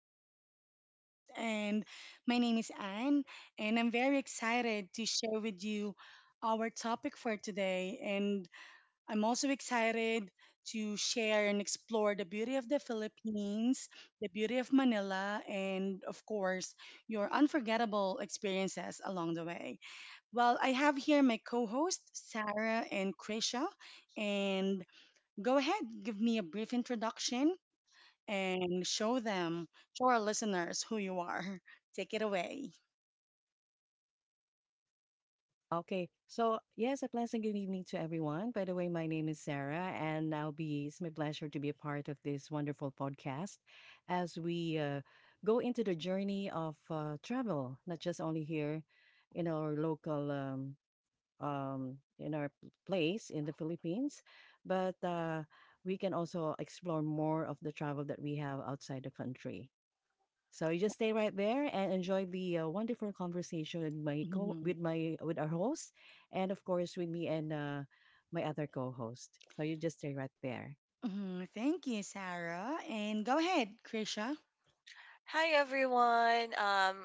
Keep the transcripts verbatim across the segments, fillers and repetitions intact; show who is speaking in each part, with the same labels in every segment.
Speaker 1: Travel Podcast. And My name is Anne, and I'm very excited to share with you our topic for today. And I'm also excited to share and explore the beauty of the Philippines, the beauty of Manila, and of course, your unforgettable experiences along the way. Well, I have here my co host, Sarah and Krisha. And Go ahead, give me a brief introduction and show them, show our listeners who you are. Take it away.
Speaker 2: Okay. So, yes, a pleasant good evening to everyone. By the way, my name is Sarah, and I'll be, it's my pleasure to be a part of this wonderful podcast as we uh, go into the journey of uh, travel, not just only here in our local, um, um, in our p- place in the Philippines, but uh, we can also explore more of the travel that we have outside the country. So you just stay right there and enjoy the uh, wonderful conversation with my co with
Speaker 1: Mhm.
Speaker 2: my with our host, and of course with me and uh, my other co-host. So you just stay right there.
Speaker 1: Mhm. Thank you, Sarah. And go ahead, Krisha.
Speaker 3: Hi everyone. Um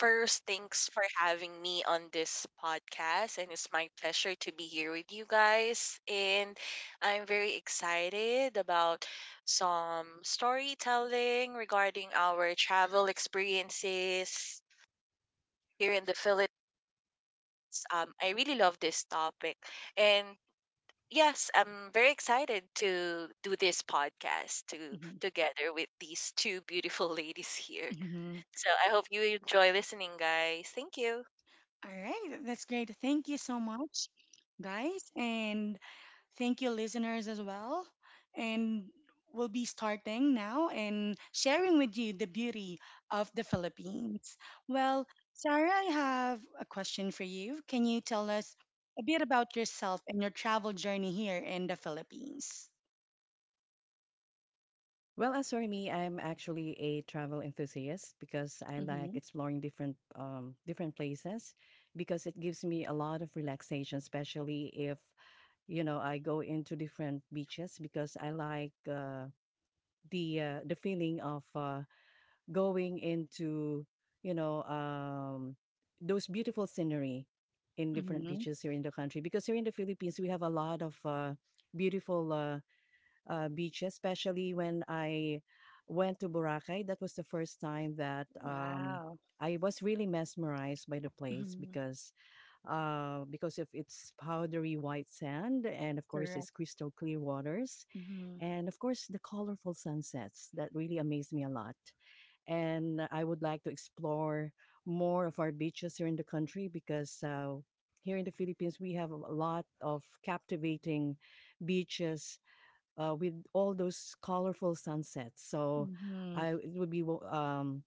Speaker 3: first, thanks for having me on this podcast, and it's my pleasure to be here with you guys, and I'm very excited about some storytelling regarding our travel experiences here in the Philippines. Um I really love this topic, and yes, I'm very excited to do this podcast to
Speaker 1: Mhm.
Speaker 3: together with these two beautiful ladies here.
Speaker 1: Mhm.
Speaker 3: So I hope you enjoy listening, guys. Thank you.
Speaker 1: All right, that's great. Thank you so much, guys, and thank you, listeners, as well. And we'll be starting now and sharing with you the beauty of the Philippines. Well, Sarah, I have a question for you. Can you tell us a bit about yourself and your travel journey here in the Philippines?
Speaker 2: Well, as for me, I'm actually a travel enthusiast because I like
Speaker 1: Mm-hmm.
Speaker 2: exploring different um, different places because it gives me a lot of relaxation, especially if you know I go into different beaches because I like uh, the uh, the feeling of uh, going into you know um, those beautiful scenery in different
Speaker 1: Mm-hmm.
Speaker 2: beaches here in the country because here in the Philippines we have a lot of uh, beautiful uh, uh, beaches especially when I went to Boracay. That was the first time that um,
Speaker 1: Wow.
Speaker 2: I was really mesmerized by the place
Speaker 1: Mm-hmm.
Speaker 2: because uh, because of its powdery white sand and of course
Speaker 1: Correct.
Speaker 2: its crystal clear waters
Speaker 1: Mm-hmm.
Speaker 2: and of course the colorful sunsets that really amazed me a lot. And I would like to explore more of our beaches here in the country because uh, here in the Philippines we have a lot of captivating beaches uh, with all those colorful sunsets. So
Speaker 1: Mm-hmm.
Speaker 2: I it would be wo- um,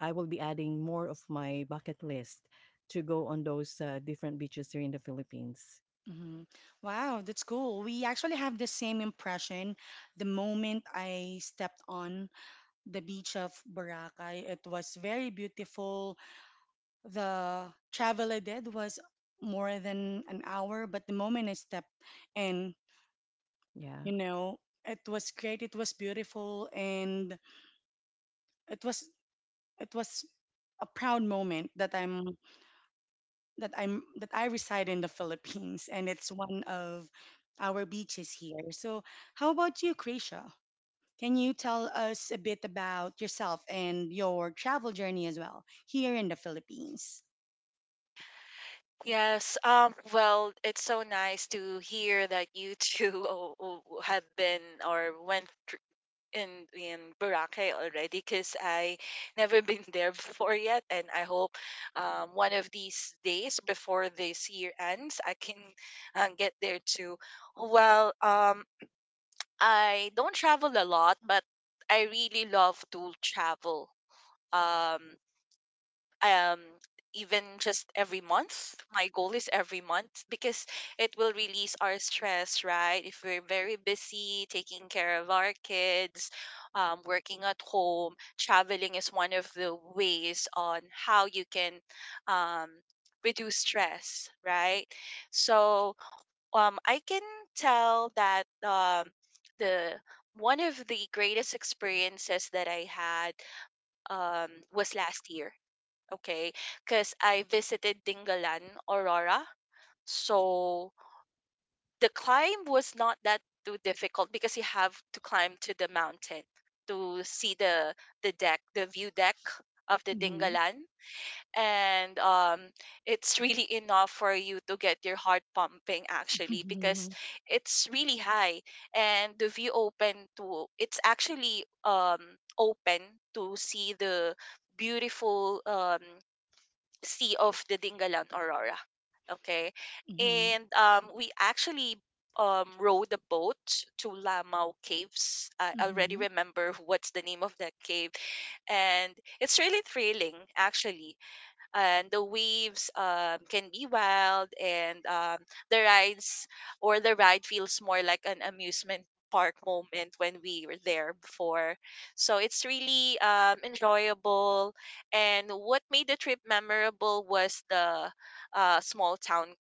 Speaker 2: I will be adding more of my bucket list to go on those uh, different beaches here in the Philippines.
Speaker 1: Mhm. Wow, that's cool. We actually have the same impression. The moment I stepped on the beach of Boracay, it was very beautiful. The travel I did was more than an hour, but the moment I stepped in,
Speaker 2: Yeah,
Speaker 1: you know, it was great. It was beautiful, and it was it was a proud moment that I'm that I'm that I reside in the Philippines and it's one of our beaches here. So, how about you, Krisha? Can you tell us a bit about yourself and your travel journey as well here in the Philippines?
Speaker 3: Yes. Um. Well, it's so nice to hear that you two o- o- have been or went thr- in in Boracay already. Cause I never been there before yet, and I hope um one of these days before this year ends, I can uh, get there too. Well, um, I don't travel a lot, but I really love to travel. Um. um Even just every month, my goal is every month, because it will release our stress, right? If we're very busy taking care of our kids, um, working at home, traveling is one of the ways on how you can um, reduce stress, right? So um, I can tell that um, the one of the greatest experiences that I had um, was last year. Okay, because I visited Dingalan, Aurora. So the climb was not that too difficult because you have to climb to the mountain to see the the deck, the view deck of the
Speaker 1: Mhm.
Speaker 3: Dingalan. And um, it's really enough for you to get your heart pumping actually, because
Speaker 1: Mhm.
Speaker 3: it's really high, and the view open to it's actually um open to see the beautiful um sea of the Dingalan Aurora. Okay.
Speaker 1: Mhm.
Speaker 3: And um, we actually um, rowed a boat to Lamau Caves. I already
Speaker 1: Mhm.
Speaker 3: remember what's the name of that cave. And it's really thrilling, actually, and the waves um, can be wild, and um, the rides or the ride feels more like an amusement park moment when we were there before, so it's really um, enjoyable. And what made the trip memorable was the uh, small town,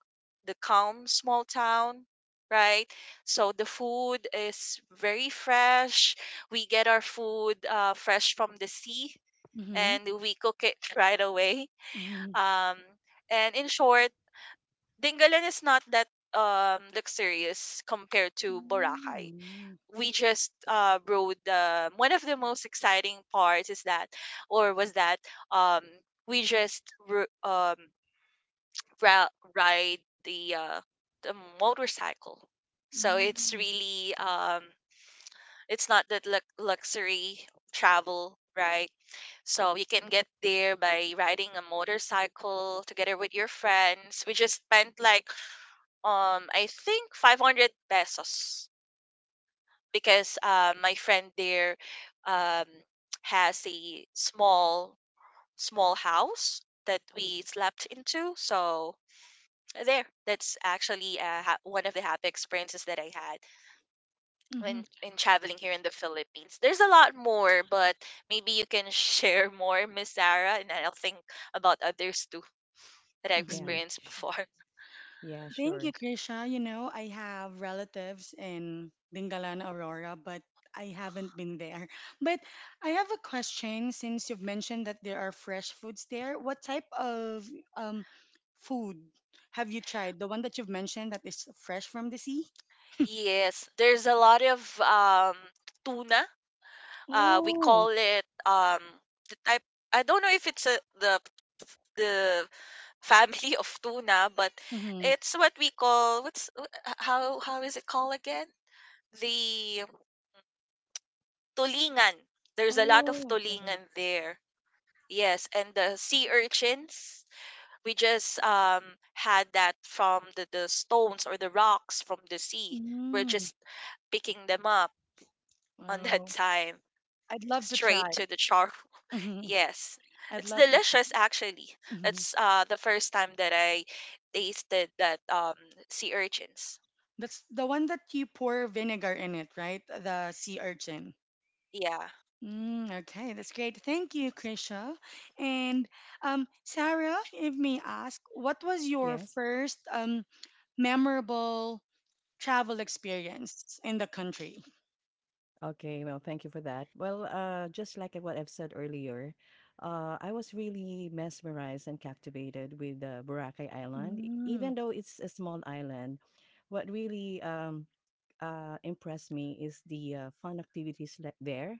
Speaker 3: the calm small town, right? So the food is very fresh. We get our food uh, fresh from the sea,
Speaker 1: Mhm.
Speaker 3: and we cook it right away.
Speaker 1: Mhm.
Speaker 3: um, and in short, Dingalan is not that um luxurious compared to Boracay. We just uh rode the one of the most exciting parts is that or was that um we just ro- um ra- ride the uh the motorcycle. So it's
Speaker 1: Mhm.
Speaker 3: really um it's not that lux- luxury travel, right? So you can get there by riding a motorcycle together with your friends. We just spent like um I think five hundred pesos, because uh, my friend there um has a small small house that we slept into. So there, that's actually uh, ha- one of the happy experiences that I had
Speaker 1: Mhm.
Speaker 3: when
Speaker 1: Mhm.
Speaker 3: in traveling here in the Philippines. There's a lot more, but maybe you can share more, Miss Sarah, and I'll think about others too that I've
Speaker 2: yeah,
Speaker 1: Mhm.
Speaker 3: experienced
Speaker 2: sh-
Speaker 3: before.
Speaker 2: yeah,
Speaker 1: Thank you,
Speaker 2: sure,
Speaker 1: Krisha. You know, I have relatives in Dingalan, Aurora, but I haven't been there. But I have a question since you've mentioned that there are fresh foods there. What type of um, food have you tried? The one that you've mentioned that is fresh from the sea?
Speaker 3: Yes, there's a lot of um tuna. Uh, we
Speaker 1: Oh,
Speaker 3: call it um the type. I don't know if it's a, the the family of tuna, but
Speaker 1: mm-hmm.
Speaker 3: it's what we call what's wh- how how is it called again? The um, tulingan. There's a lot of
Speaker 1: Oh, okay.
Speaker 3: tulingan there. Yes, and the sea urchins, we just um had that from the, the stones or the rocks from the sea. We're
Speaker 1: Mm,
Speaker 3: just picking them up on that
Speaker 1: oh,
Speaker 3: time,
Speaker 1: I'd love to
Speaker 3: straight
Speaker 1: try.
Speaker 3: to the char.
Speaker 1: Mhm.
Speaker 3: Yes.
Speaker 1: I'd
Speaker 3: It's
Speaker 1: love to try.
Speaker 3: delicious actually.
Speaker 1: Mhm.
Speaker 3: That's uh the first time that I tasted that um sea urchins.
Speaker 1: That's the one that you pour vinegar in it, right? The sea urchin.
Speaker 3: Yeah.
Speaker 1: Mm, okay, that's great. Thank you, Krisha. And um, Sarah, if may ask, what was your
Speaker 2: yes.
Speaker 1: first um, memorable travel experience in the country?
Speaker 2: Okay, well, thank you for that. Well, uh, just like what I've said earlier, uh, I was really mesmerized and captivated with uh, Boracay Island. E-
Speaker 1: Mm,
Speaker 2: Even though it's a small island, what really um, uh, impressed me is the uh, fun activities le- there.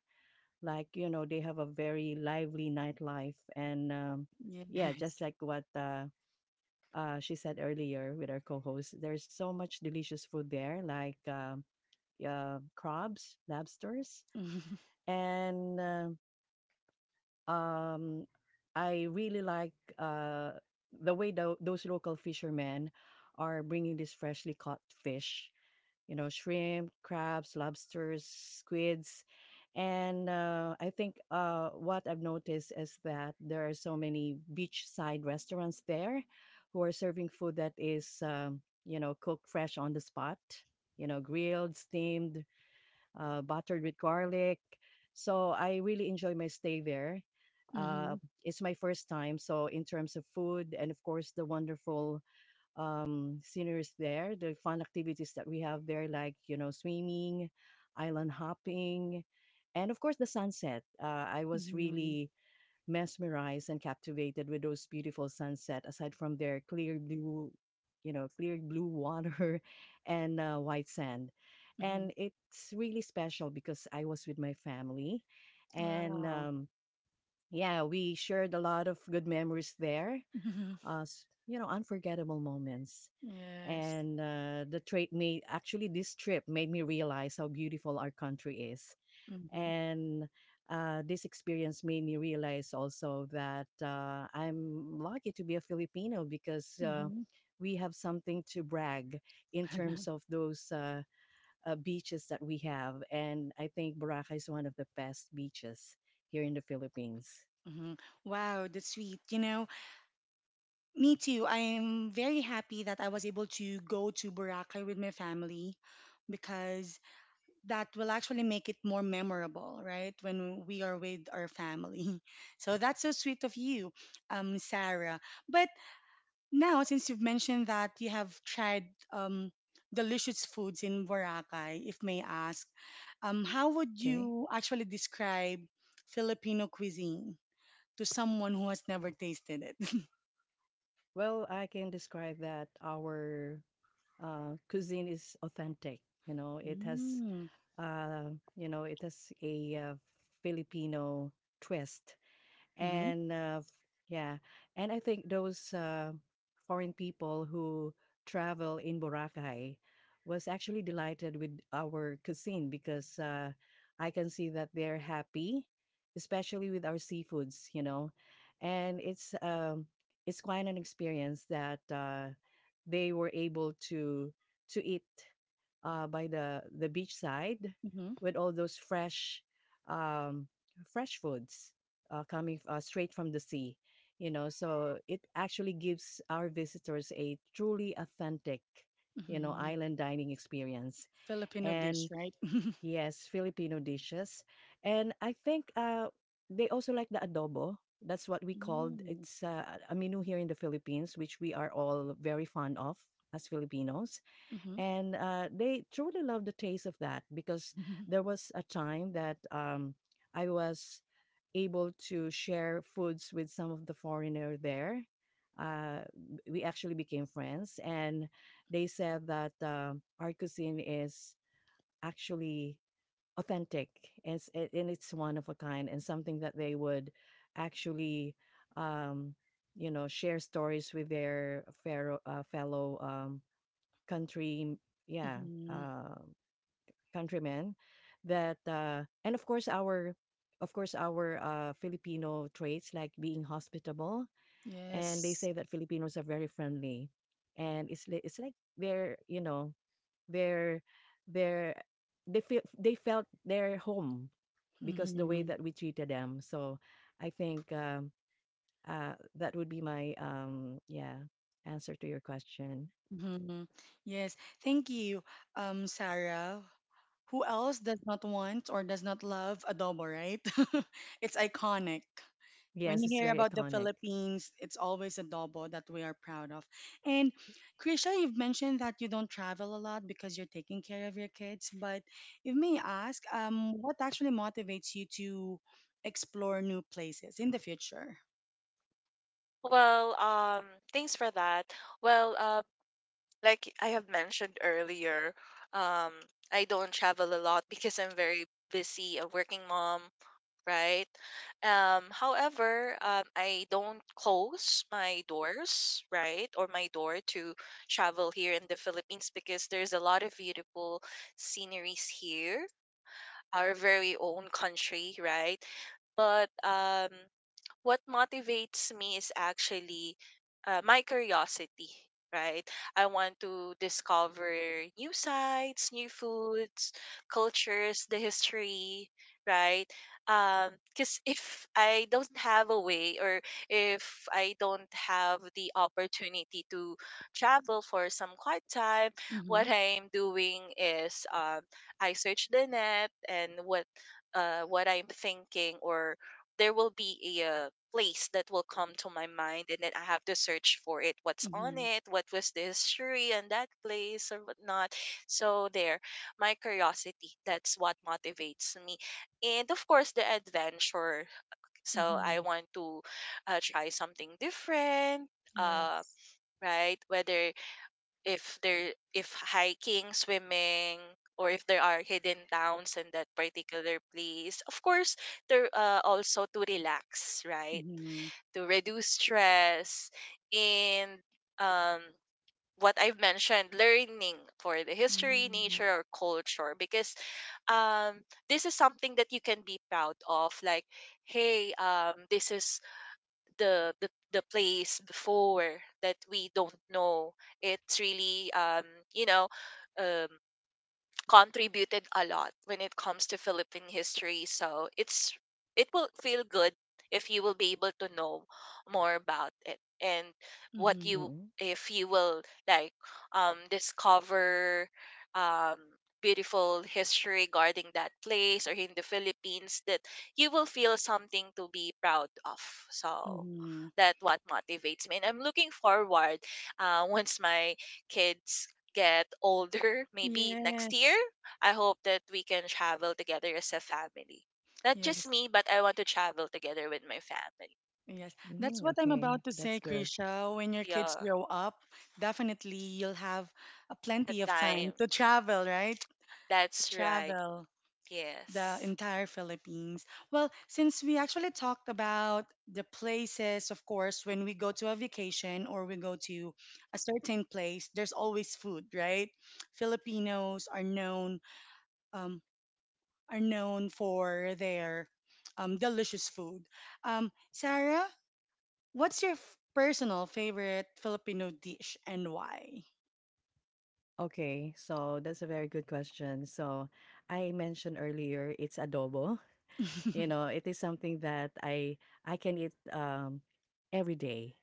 Speaker 2: Like, you know, they have a very lively nightlife. And um, Yeah, just
Speaker 1: yes.
Speaker 2: like what uh, uh, she said earlier with our co host, there's so much delicious food there, like um uh, crabs, lobsters and uh, um, I really like uh, the way tho- those local fishermen are bringing these freshly caught fish. You know, shrimp, crabs, lobsters, squids, and uh, I think uh, what I've noticed is that there are so many beachside restaurants there who are serving food that is, um, you know, cooked fresh on the spot. You know, grilled, steamed, uh, buttered with garlic. So I really enjoy my stay there.
Speaker 1: Mm-hmm,
Speaker 2: Uh, it's my first time, so in terms of food and of course the wonderful um, sceneries there, the fun activities that we have there, like you know swimming, island hopping, and of course the sunset. Uh, I was
Speaker 1: mm-hmm,
Speaker 2: really mesmerized and captivated with those beautiful sunset aside from their clear blue you know clear blue water and uh, white sand.
Speaker 1: mm-hmm, mm-hmm.
Speaker 2: And it's really special because I was with my family and
Speaker 1: Wow.
Speaker 2: um, yeah, we shared a lot of good memories there,
Speaker 1: Mm-hmm,
Speaker 2: uh, s- you know, unforgettable moments.
Speaker 1: yes.
Speaker 2: And uh, the trip made actually this trip made me realize how beautiful our country is.
Speaker 1: Mm-hmm,
Speaker 2: And uh, this experience made me realize also that uh, I'm lucky to be a Filipino, because uh,
Speaker 1: mm-hmm,
Speaker 2: we have something to brag in terms of those uh, uh, beaches that we have. And I think Boracay is one of the best beaches here in the Philippines.
Speaker 1: mm-hmm. Wow, that's sweet. You know, me too. I'm very happy that I was able to go to Boracay with my family because that will actually make it more memorable, right? When we are with our family. So that's so sweet of you, um, Sarah. But now, since you've mentioned that you have tried um, delicious foods in Boracay, if may ask, um, how would
Speaker 2: Okay.
Speaker 1: you actually describe Filipino cuisine to someone who has never tasted it?
Speaker 2: Well, I can describe that our uh, cuisine is authentic. You know, it has,
Speaker 1: Mm-hmm.
Speaker 2: uh, you know, it has a uh, Filipino twist. and uh, f- yeah, and I think those uh, foreign people who travel in Boracay was actually delighted with our cuisine, because uh, I can see that they're happy, especially with our seafoods, you know. And it's um it's quite an experience that uh, they were able to to eat uh, by the the beachside
Speaker 1: Mm-hmm.
Speaker 2: with all those fresh um, fresh foods uh, coming uh, straight from the sea. You know, so it actually gives our visitors a truly authentic, you know,
Speaker 1: Mm-hmm.
Speaker 2: island dining experience.
Speaker 1: Filipino
Speaker 2: And
Speaker 1: dish, right?
Speaker 2: yes, Filipino dishes. And I think uh, they also like the adobo. That's what we called.
Speaker 1: Mm.
Speaker 2: It's uh, a menu here in the Philippines, which we are all very fond of as Filipinos.
Speaker 1: Mm-hmm.
Speaker 2: And uh, they truly love the taste of that, because
Speaker 1: Mm-hmm.
Speaker 2: there was a time that um, I was able to share foods with some of the foreigner there. Uh, we actually became friends, and they said that uh, our cuisine is actually authentic, and it's, and it's one of a kind, and something that they would actually, um, you know, share stories with their fellow, uh, fellow um, country. Yeah,
Speaker 1: Mm-hmm.
Speaker 2: uh, Countrymen that uh, and of course our of course our uh, Filipino traits like being hospitable. And they
Speaker 1: Yes.
Speaker 2: say that Filipinos are very friendly, and it's li- it's like they're you know they're they're they feel they felt their home because the way
Speaker 1: Mm-hmm.
Speaker 2: that we treated them. So I think um, uh, that would be my um, yeah, answer to your question.
Speaker 1: Mm-hmm. Yes. Thank you, um, Sarah. Who else does not want or does not love adobo, right? It's iconic. When
Speaker 2: Yes,
Speaker 1: you
Speaker 2: it's
Speaker 1: hear
Speaker 2: very
Speaker 1: about the
Speaker 2: iconic.
Speaker 1: Philippines, it's always adobo that we are proud of. And Krisha, you've mentioned that you don't travel a lot because you're taking care of your kids. But if may I ask, um, what actually motivates you to explore new places in the future?
Speaker 3: Well, um thanks for that. Well, uh. Like I have mentioned earlier, um, I don't travel a lot because I'm very busy, a working mom, right? Um, however, um, I don't close my doors, right, or my door to travel here in the Philippines, because there's a lot of beautiful sceneries here, our very own country, right? But um, what motivates me is actually uh, my curiosity, right? I want to discover new sites, new foods, cultures, the history, right? Because if I don't have a way, or if I don't have the opportunity to travel for some quiet time,
Speaker 1: Mm-hmm.
Speaker 3: what I'm doing is um, I search the net, and what uh, what I'm thinking, or there will be a uh, place that will come to my mind, and then I have to search for it. What's on
Speaker 1: Mm-hmm.
Speaker 3: it? What was the history on that place or whatnot? So there, my curiosity, that's what motivates me. And of course the adventure. So I
Speaker 1: Mm-hmm.
Speaker 3: want to uh, try something different. Uh,
Speaker 1: Yes.
Speaker 3: right, whether if there if hiking, swimming, or if there are hidden towns in that particular place, of course there uh, also to relax, right,
Speaker 1: Mm-hmm.
Speaker 3: to reduce stress. And um what I've mentioned, learning for the history,
Speaker 1: Mm-hmm.
Speaker 3: nature, or culture, because um this is something that you can be proud of, like, hey, um this is the the the place before that we don't know, it's really um you know, um contributed a lot when it comes to Philippine history. So it's it will feel good if you will be able to know more about it, and what
Speaker 1: Mm-hmm.
Speaker 3: you
Speaker 2: Mm-hmm.
Speaker 3: if you will like um discover um beautiful history regarding that place or in the Philippines, that you will feel something to be proud of. So
Speaker 1: Mm-hmm.
Speaker 3: that what motivates me, and I'm looking forward uh, once my kids get older, maybe next year,
Speaker 1: Yes.
Speaker 3: I hope that we can travel together as a family. Not just
Speaker 1: Yes.
Speaker 3: me, but I want to travel together with my family.
Speaker 1: Yes, that's
Speaker 2: Mm-hmm.
Speaker 1: what I'm
Speaker 2: Okay,
Speaker 1: about to
Speaker 2: that's
Speaker 1: say,
Speaker 2: good.
Speaker 1: Krisha. When your kids
Speaker 3: Yeah,
Speaker 1: grow up, definitely you'll have uh,
Speaker 3: the
Speaker 1: plenty of time
Speaker 3: time.
Speaker 1: to travel, right?
Speaker 3: That's right.
Speaker 1: Travel the
Speaker 3: Yes.
Speaker 1: entire Philippines. Well, since we actually talked about the places, of course, when we go to a vacation or we go to a certain place, there's always food, right? Filipinos are known um, are known for their um, delicious food. Um, Sarah, what's your f- personal favorite Filipino dish and why?
Speaker 2: Okay, so that's a very good question. So I mentioned earlier it's adobo. You know, it is something that I I can eat um every day.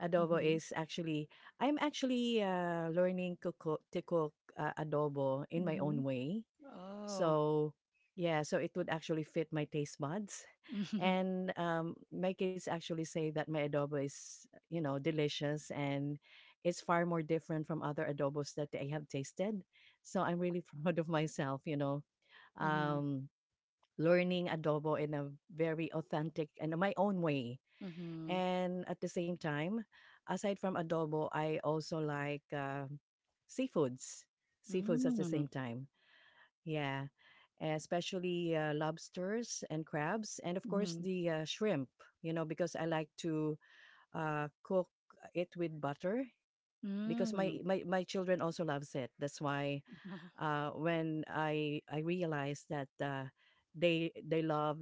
Speaker 2: Adobo
Speaker 1: Hmm.
Speaker 2: is actually I'm actually uh, learning to cook, to cook uh, adobo in my
Speaker 1: Hmm.
Speaker 2: own way.
Speaker 1: Oh.
Speaker 2: So yeah, so it would actually fit my taste buds.
Speaker 1: Hmm.
Speaker 2: And um, My kids actually say that my adobo is, you know, delicious, and it's far more different from other adobos that they have tasted. So I'm really proud of myself, you know,
Speaker 1: Hmm.
Speaker 2: um, learning adobo in a very authentic and my own way. And at the same time, aside from adobo, I also like uh, seafoods, seafoods at the
Speaker 1: Hmm.
Speaker 2: same time. Yeah, especially uh, lobsters and crabs, and of
Speaker 1: Mm.
Speaker 2: course
Speaker 1: Mhm.
Speaker 2: the uh, shrimp. You know, because I like to uh, cook it with butter, because my,
Speaker 1: Mm.
Speaker 2: my my children also loves it. That's why uh, when I I realized that uh, they they love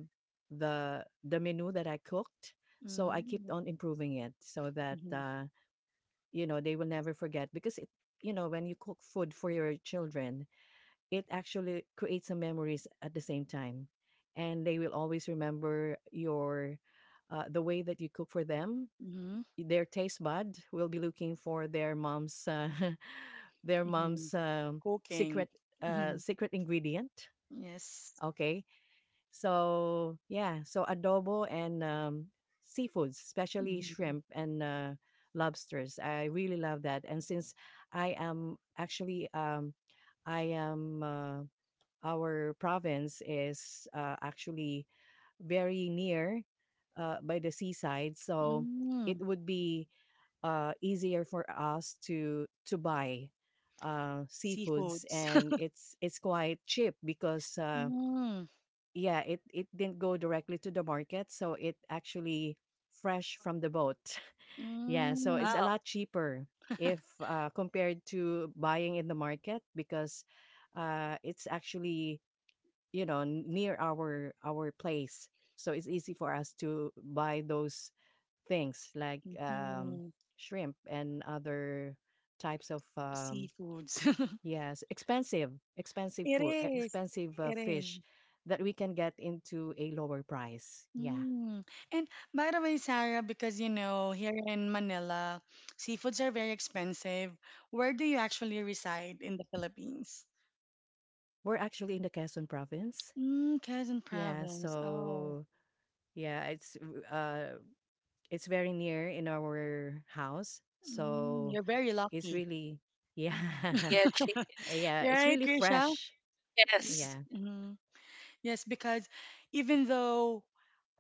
Speaker 2: the the menu that I cooked, so I kept
Speaker 1: Mm.
Speaker 2: on improving it so that
Speaker 1: Mhm.
Speaker 2: uh, you know they will never forget, because it you know, when you cook food for your children, it actually creates some memories at the same time, and they will always remember your uh, the way that you cook for them.
Speaker 1: Mhm.
Speaker 2: Their taste bud will be looking for their mom's uh, their
Speaker 1: Mhm.
Speaker 2: mom's um,
Speaker 1: Cooking.
Speaker 2: secret uh,
Speaker 1: Mhm.
Speaker 2: secret ingredient.
Speaker 1: Yes.
Speaker 2: Okay, so yeah, so adobo and um, seafoods, especially
Speaker 1: Mhm.
Speaker 2: shrimp and uh, lobsters, I really love that. And since I am actually um, I am uh, our province is uh, actually very near uh, by the seaside, so it
Speaker 1: Mm.
Speaker 2: would be uh, easier for us to to buy uh, seafoods,
Speaker 1: Seafoods.
Speaker 2: and it's it's quite cheap because uh,
Speaker 1: Mm.
Speaker 2: yeah, it, it didn't go directly to the market, so it actually fresh from the boat. yeah, so it's
Speaker 1: Mm.
Speaker 2: a
Speaker 3: Wow.
Speaker 2: lot cheaper if uh, compared to buying in the market, because uh, it's actually you know n- near our our place, so it's easy for us to buy those things like um
Speaker 1: Mhm.
Speaker 2: shrimp and other types of um
Speaker 1: Seafoods.
Speaker 2: yes, expensive, expensive
Speaker 1: It
Speaker 2: food,
Speaker 1: is.
Speaker 2: expensive uh,
Speaker 1: It is.
Speaker 2: fish that we can get into a lower price. Yeah,
Speaker 1: Mm. And by the way, Sarah, because you know, here in Manila, seafoods are very expensive. Where do you actually reside in the Philippines?
Speaker 2: we're actually in the Quezon province.
Speaker 1: Mm, Quezon
Speaker 2: Yeah,
Speaker 1: Province. Oh,
Speaker 2: so yeah, it's uh it's very near in our house,
Speaker 1: mm,
Speaker 2: so
Speaker 1: you're very
Speaker 2: it's
Speaker 1: lucky.
Speaker 2: really yeah.
Speaker 3: Yeah, chi-
Speaker 2: Yeah, it's
Speaker 1: Right,
Speaker 2: really
Speaker 1: Krisha?
Speaker 2: fresh.
Speaker 1: Y-
Speaker 3: yes.
Speaker 2: Yeah.
Speaker 1: mhm. Yes, because even though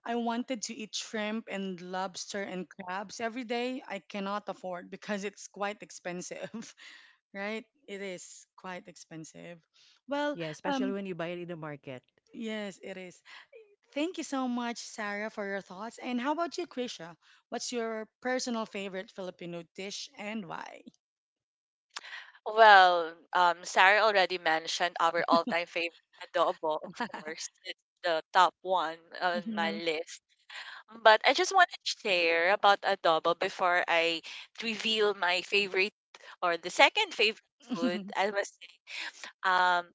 Speaker 1: I wanted to eat shrimp and lobster and crabs every day, I cannot afford because it's quite expensive, right? It is quite expensive. Well,
Speaker 2: Yeah, especially
Speaker 1: um,
Speaker 2: when you buy it in the market.
Speaker 1: yes, it is. Thank you so much, Sarah, for your thoughts. And how about you, Krisha? What's your personal favorite Filipino dish and why?
Speaker 3: Well, um, Sarah already mentioned our all-time favorite adobo, of course. It's the top one on my
Speaker 1: Hmm.
Speaker 3: list. But I just want to share about adobo before I reveal my favorite, or the second favorite food.
Speaker 1: Hmm.
Speaker 3: I was um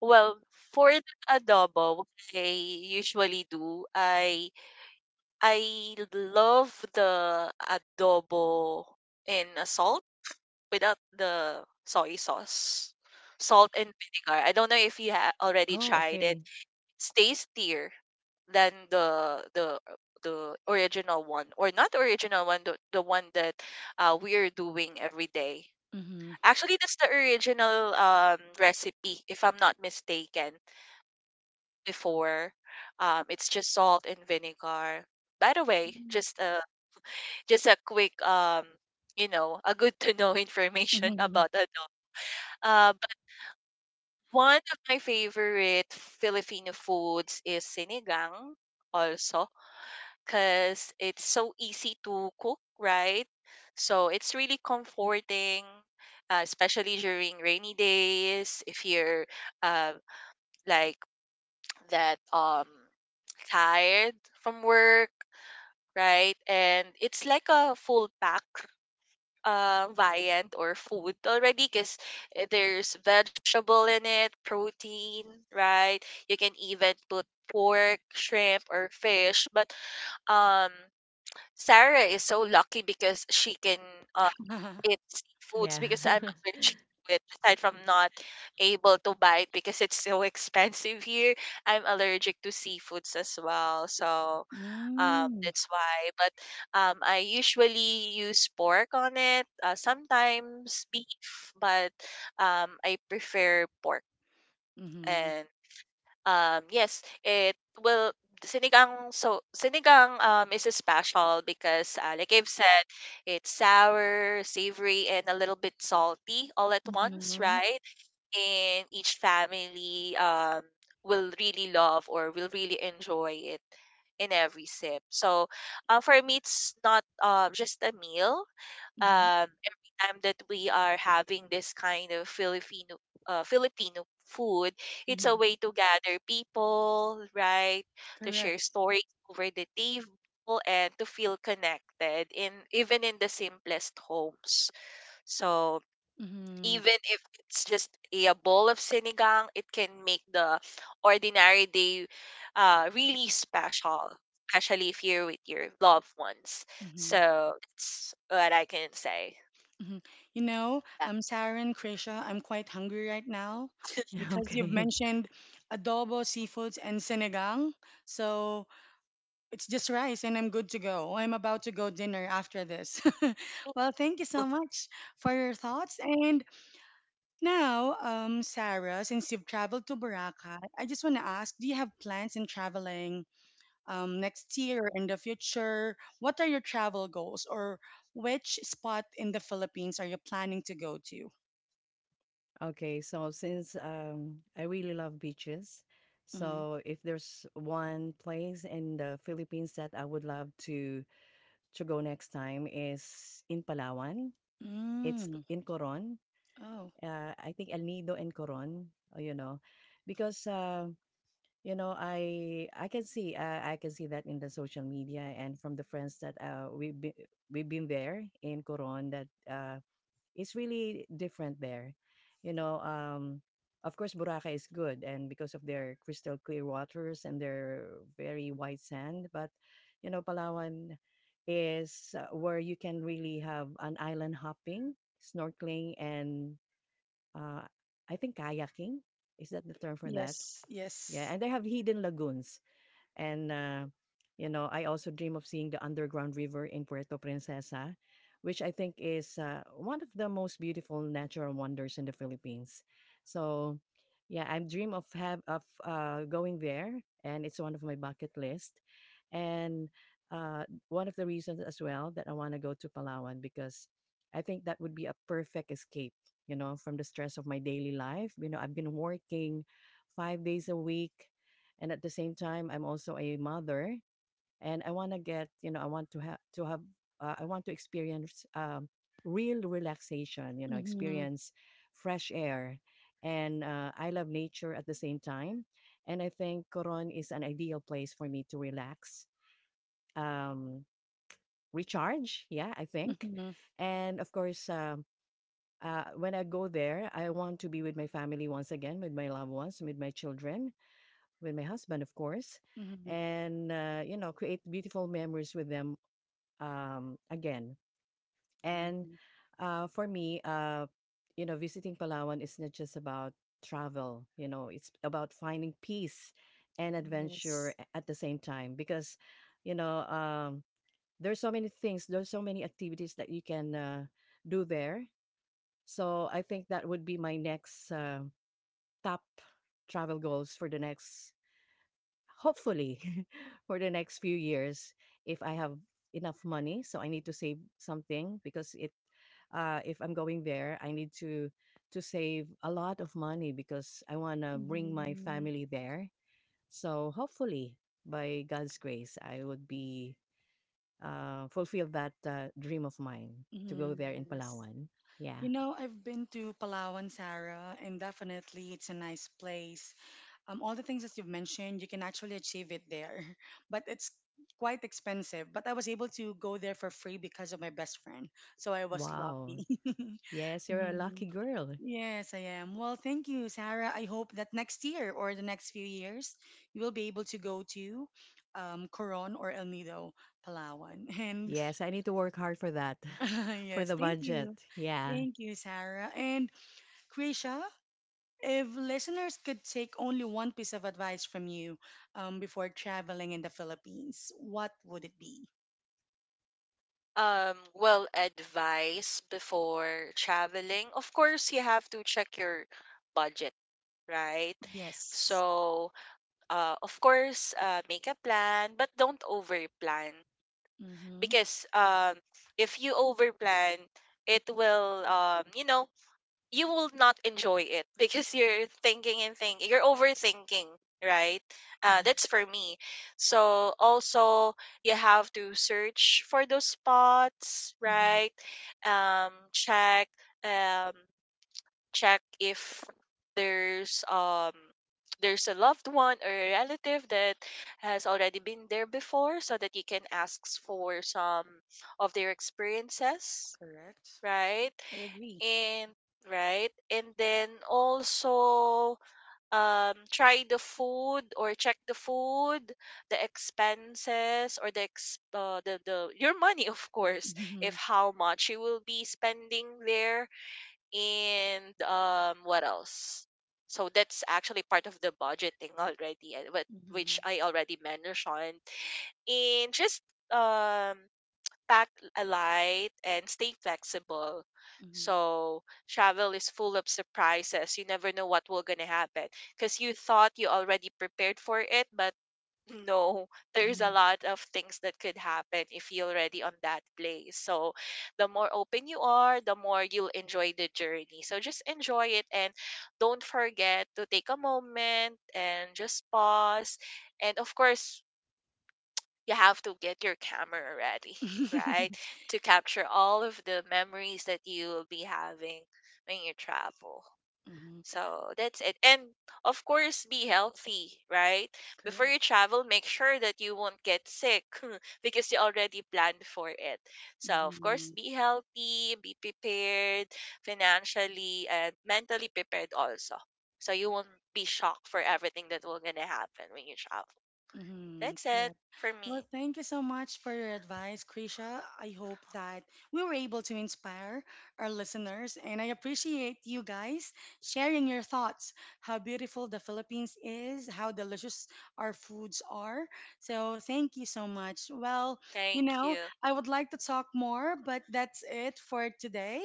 Speaker 3: well, for the adobo, what I usually do, I I love the adobo in a salt, without the soy sauce, salt and vinegar. I don't know if you have already
Speaker 2: Oh,
Speaker 3: tried it,
Speaker 2: okay.
Speaker 3: stays dear than the the the original one, or not the original one, the, the one that uh, we're doing every day. Actually that's the original um, recipe, if I'm not mistaken before, um, it's just salt and vinegar. By the way, just a just a quick um you know, a good to know
Speaker 1: Hmm.
Speaker 3: information
Speaker 1: Hmm. Mm.
Speaker 3: about adobo. uh, but one of my favorite Filipino foods is sinigang also, because it's so easy to cook, right? So it's really comforting, uh, especially during rainy days. If you're uh, like that, um, tired from work, right? And it's like a full pack uh, viand or food already, because there's vegetable in it, protein, right? You can even put pork, shrimp, or fish, but um Sarah is so lucky because she can uh, eat seafoods,
Speaker 2: Yeah.
Speaker 3: because I'm allergic to it. Aside from not able to buy it because it's so expensive here, I'm allergic to seafoods as well. So um, that's why. But um, I usually use pork on it, uh, sometimes beef, but um, I prefer pork.
Speaker 1: Mm-hmm. Mm-hmm.
Speaker 3: And um, yes, it will sinigang, so sinigang um is special because uh, like I've said, it's sour, savory, and a little bit salty all at once,
Speaker 1: Mm-hmm.
Speaker 3: right? And each family um will really love, or will really enjoy it in every sip. So, uh, for me, it's not uh, just a meal, um, every time that we are having this kind of Filipino uh, Filipino food, it's a
Speaker 1: Mm-hmm.
Speaker 3: way to gather people, right? To share
Speaker 1: Correct.
Speaker 3: stories over the table and to feel connected in even in the simplest homes. So
Speaker 1: Mm-hmm.
Speaker 3: even if it's just a bowl of sinigang, it can make the ordinary day uh, really special, especially if you're with your loved ones.
Speaker 1: Mm-hmm.
Speaker 3: So that's what I can say.
Speaker 1: Mm-hmm. You know, um, Sarah and Krisha, I'm quite hungry right now
Speaker 2: Yeah,
Speaker 1: because you've
Speaker 2: okay.
Speaker 1: mentioned adobo, seafoods, and sinigang. So it's just rice and I'm good to go. I'm about to go dinner after this. Well, thank you so much for your thoughts. And now, um, Sarah, since you've traveled to Boracay, I just want to ask, do you have plans in traveling um, next year or in the future? What are your travel goals or which spot in the Philippines are you planning to go to?
Speaker 2: Okay, so since um I really love beaches,
Speaker 1: Mhm.
Speaker 2: so if there's one place in the Philippines that I would love to to go next time is in Palawan. It's c-
Speaker 1: Mm.
Speaker 2: in Coron.
Speaker 1: Oh,
Speaker 2: Uh, I think El Nido and Coron, uh, you know, because uh, you know, i i can see uh, I can see that in the social media and from the friends that uh we've we've been there in Coron, that uh it's really different there, you know. Um of course Boracay is good, and because of their crystal clear waters and their very white sand. But you know, Palawan is uh, where you can really have an island hopping, snorkeling, and uh I think kayaking, is that the term for that?
Speaker 1: yes,
Speaker 2: Yeah,
Speaker 1: yes.
Speaker 2: and they have hidden lagoons, and, uh, you know, I also dream of seeing the underground river in Puerto Princesa, which I think is uh, one of the most beautiful natural wonders in the Philippines. So, yeah, I dream of have of uh, going there, and it's one of my bucket list. And uh, one of the reasons as well that I want to go to Palawan, because I think that would be a perfect escape, you know, from the stress of my daily life. You know, I've been working five days a week, and at the same time I'm also a mother, and I want to get, you know, I want to have to have uh, I want to experience um, real relaxation, you know,
Speaker 1: Mm-hmm.
Speaker 2: experience fresh air, and uh, I love nature at the same time. And I think Coron is an ideal place for me to relax, um, recharge, yeah, I think.
Speaker 1: Mm-hmm.
Speaker 2: And of course um, uh, when I go there, I want to be with my family once again, with my loved ones, with my children, with my husband, of course,
Speaker 1: Mm-hmm. Mm-hmm,
Speaker 2: and uh, you know, create beautiful memories with them um, again. And
Speaker 1: mm-hmm.
Speaker 2: uh, for me, uh, you know, visiting Palawan is not just about travel. You know, it's about finding peace and adventure
Speaker 1: Yes.
Speaker 2: a- at the same time, because, you know, um, there's so many things, there's so many activities that you can uh, do there. So I think that would be my next uh, top travel goals for the next, hopefully, for the next few years, if I have enough money. So I need to save something, because it uh, if I'm going there, I need to to save a lot of money, because I want to bring my
Speaker 1: Mm-hmm.
Speaker 2: family there. So hopefully, by God's grace, I would be uh, fulfill that uh, dream of mine to go
Speaker 1: Mhm,
Speaker 2: there in
Speaker 1: yes.
Speaker 2: Palawan.
Speaker 1: You
Speaker 2: Yeah.
Speaker 1: know, I've been to Palawan, Sarah, and definitely it's a nice place. Um, all the things that you've mentioned, you can actually achieve it there, but it's quite expensive. But I was able to go there for free because of my best friend, so I was
Speaker 2: Wow.
Speaker 1: lucky.
Speaker 2: Yes, you're a lucky
Speaker 1: Mhm.
Speaker 2: girl.
Speaker 1: Yes, I am. Well, thank you, Sarah. I hope that next year or the next few years, you will be able to go to um, Coron or El Nido, Palawan. And
Speaker 2: Yes, I need to work hard for that, for
Speaker 1: yes,
Speaker 2: the
Speaker 1: thank
Speaker 2: budget.
Speaker 1: you.
Speaker 2: Yeah.
Speaker 1: Thank you, Sarah. And Krisha, if listeners could take only one piece of advice from you um, before traveling in the Philippines, what would it be?
Speaker 3: Um, well, advice before traveling. Of course, you have to check your budget, right?
Speaker 1: Yes.
Speaker 3: So, uh, of course, uh, make a plan, but don't overplan,
Speaker 1: Mm-hmm.
Speaker 3: because um, if you overplan, it will, um, you know, you will not enjoy it, because you're thinking and thinking, you're overthinking, right? uh,
Speaker 1: Mm-hmm.
Speaker 3: that's for me. So also, you have to search for those spots,
Speaker 1: Hmm.
Speaker 3: right? um check, um check if there's um there's a loved one or a relative that has already been there before, so that you can ask for some of their experiences,
Speaker 1: Correct.
Speaker 3: right?
Speaker 1: I agree.
Speaker 3: And right, and then also, um try the food, or check the food, the expenses, or the ex- uh, the, the your money, of course,
Speaker 1: Mm-hmm.
Speaker 3: if how much you will be spending there. And um what else, so that's actually part of the budgeting already, and what which
Speaker 1: Mm-hmm.
Speaker 3: I already mentioned. And just um pack a light and stay flexible.
Speaker 1: Mm-hmm.
Speaker 3: So travel is full of surprises. You never know what will gonna happen, because you thought you already prepared for it, but no, there's
Speaker 1: Mm-hmm.
Speaker 3: a lot of things that could happen if you're already on that place. So the more open you are, the more you'll enjoy the journey. So just enjoy it, and don't forget to take a moment and just pause. And of course, you have to get your camera ready, right? To capture all of the memories that you will be having when you travel.
Speaker 1: Mhm.
Speaker 3: So that's it. And of course, be healthy, right? Before you
Speaker 1: Correct.
Speaker 3: travel, make sure that you won't get sick, because you already planned for it. So, of course,
Speaker 1: Mhm.
Speaker 3: be healthy, be prepared financially and mentally prepared also. So you won't be shocked for everything that will going to happen when you travel.
Speaker 1: Mm-hmm.
Speaker 3: That's it
Speaker 1: Good.
Speaker 3: for
Speaker 1: Well,
Speaker 3: me.
Speaker 1: thank you so much for your advice, Krisha. I hope that we were able to inspire our listeners, and I appreciate you guys sharing your thoughts, how beautiful the Philippines is, how delicious our foods are. So, thank you so much. Well, you
Speaker 3: Thank
Speaker 1: know,
Speaker 3: you.
Speaker 1: I would like to talk more, but that's it for today.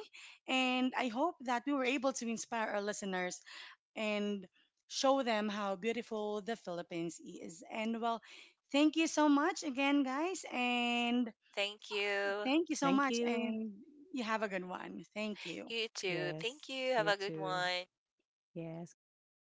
Speaker 1: And I hope that we were able to inspire our listeners and show them how beautiful the Philippines is. And well, thank you so much again, guys. And
Speaker 3: Thank you.
Speaker 1: thank you so
Speaker 2: Thank
Speaker 1: much.
Speaker 2: you.
Speaker 1: And you have a good one. Thank you.
Speaker 3: You too. Thank
Speaker 2: Yes.
Speaker 3: you. Have
Speaker 2: You
Speaker 3: a good
Speaker 2: too.
Speaker 3: one.
Speaker 2: Yes. Goodbye.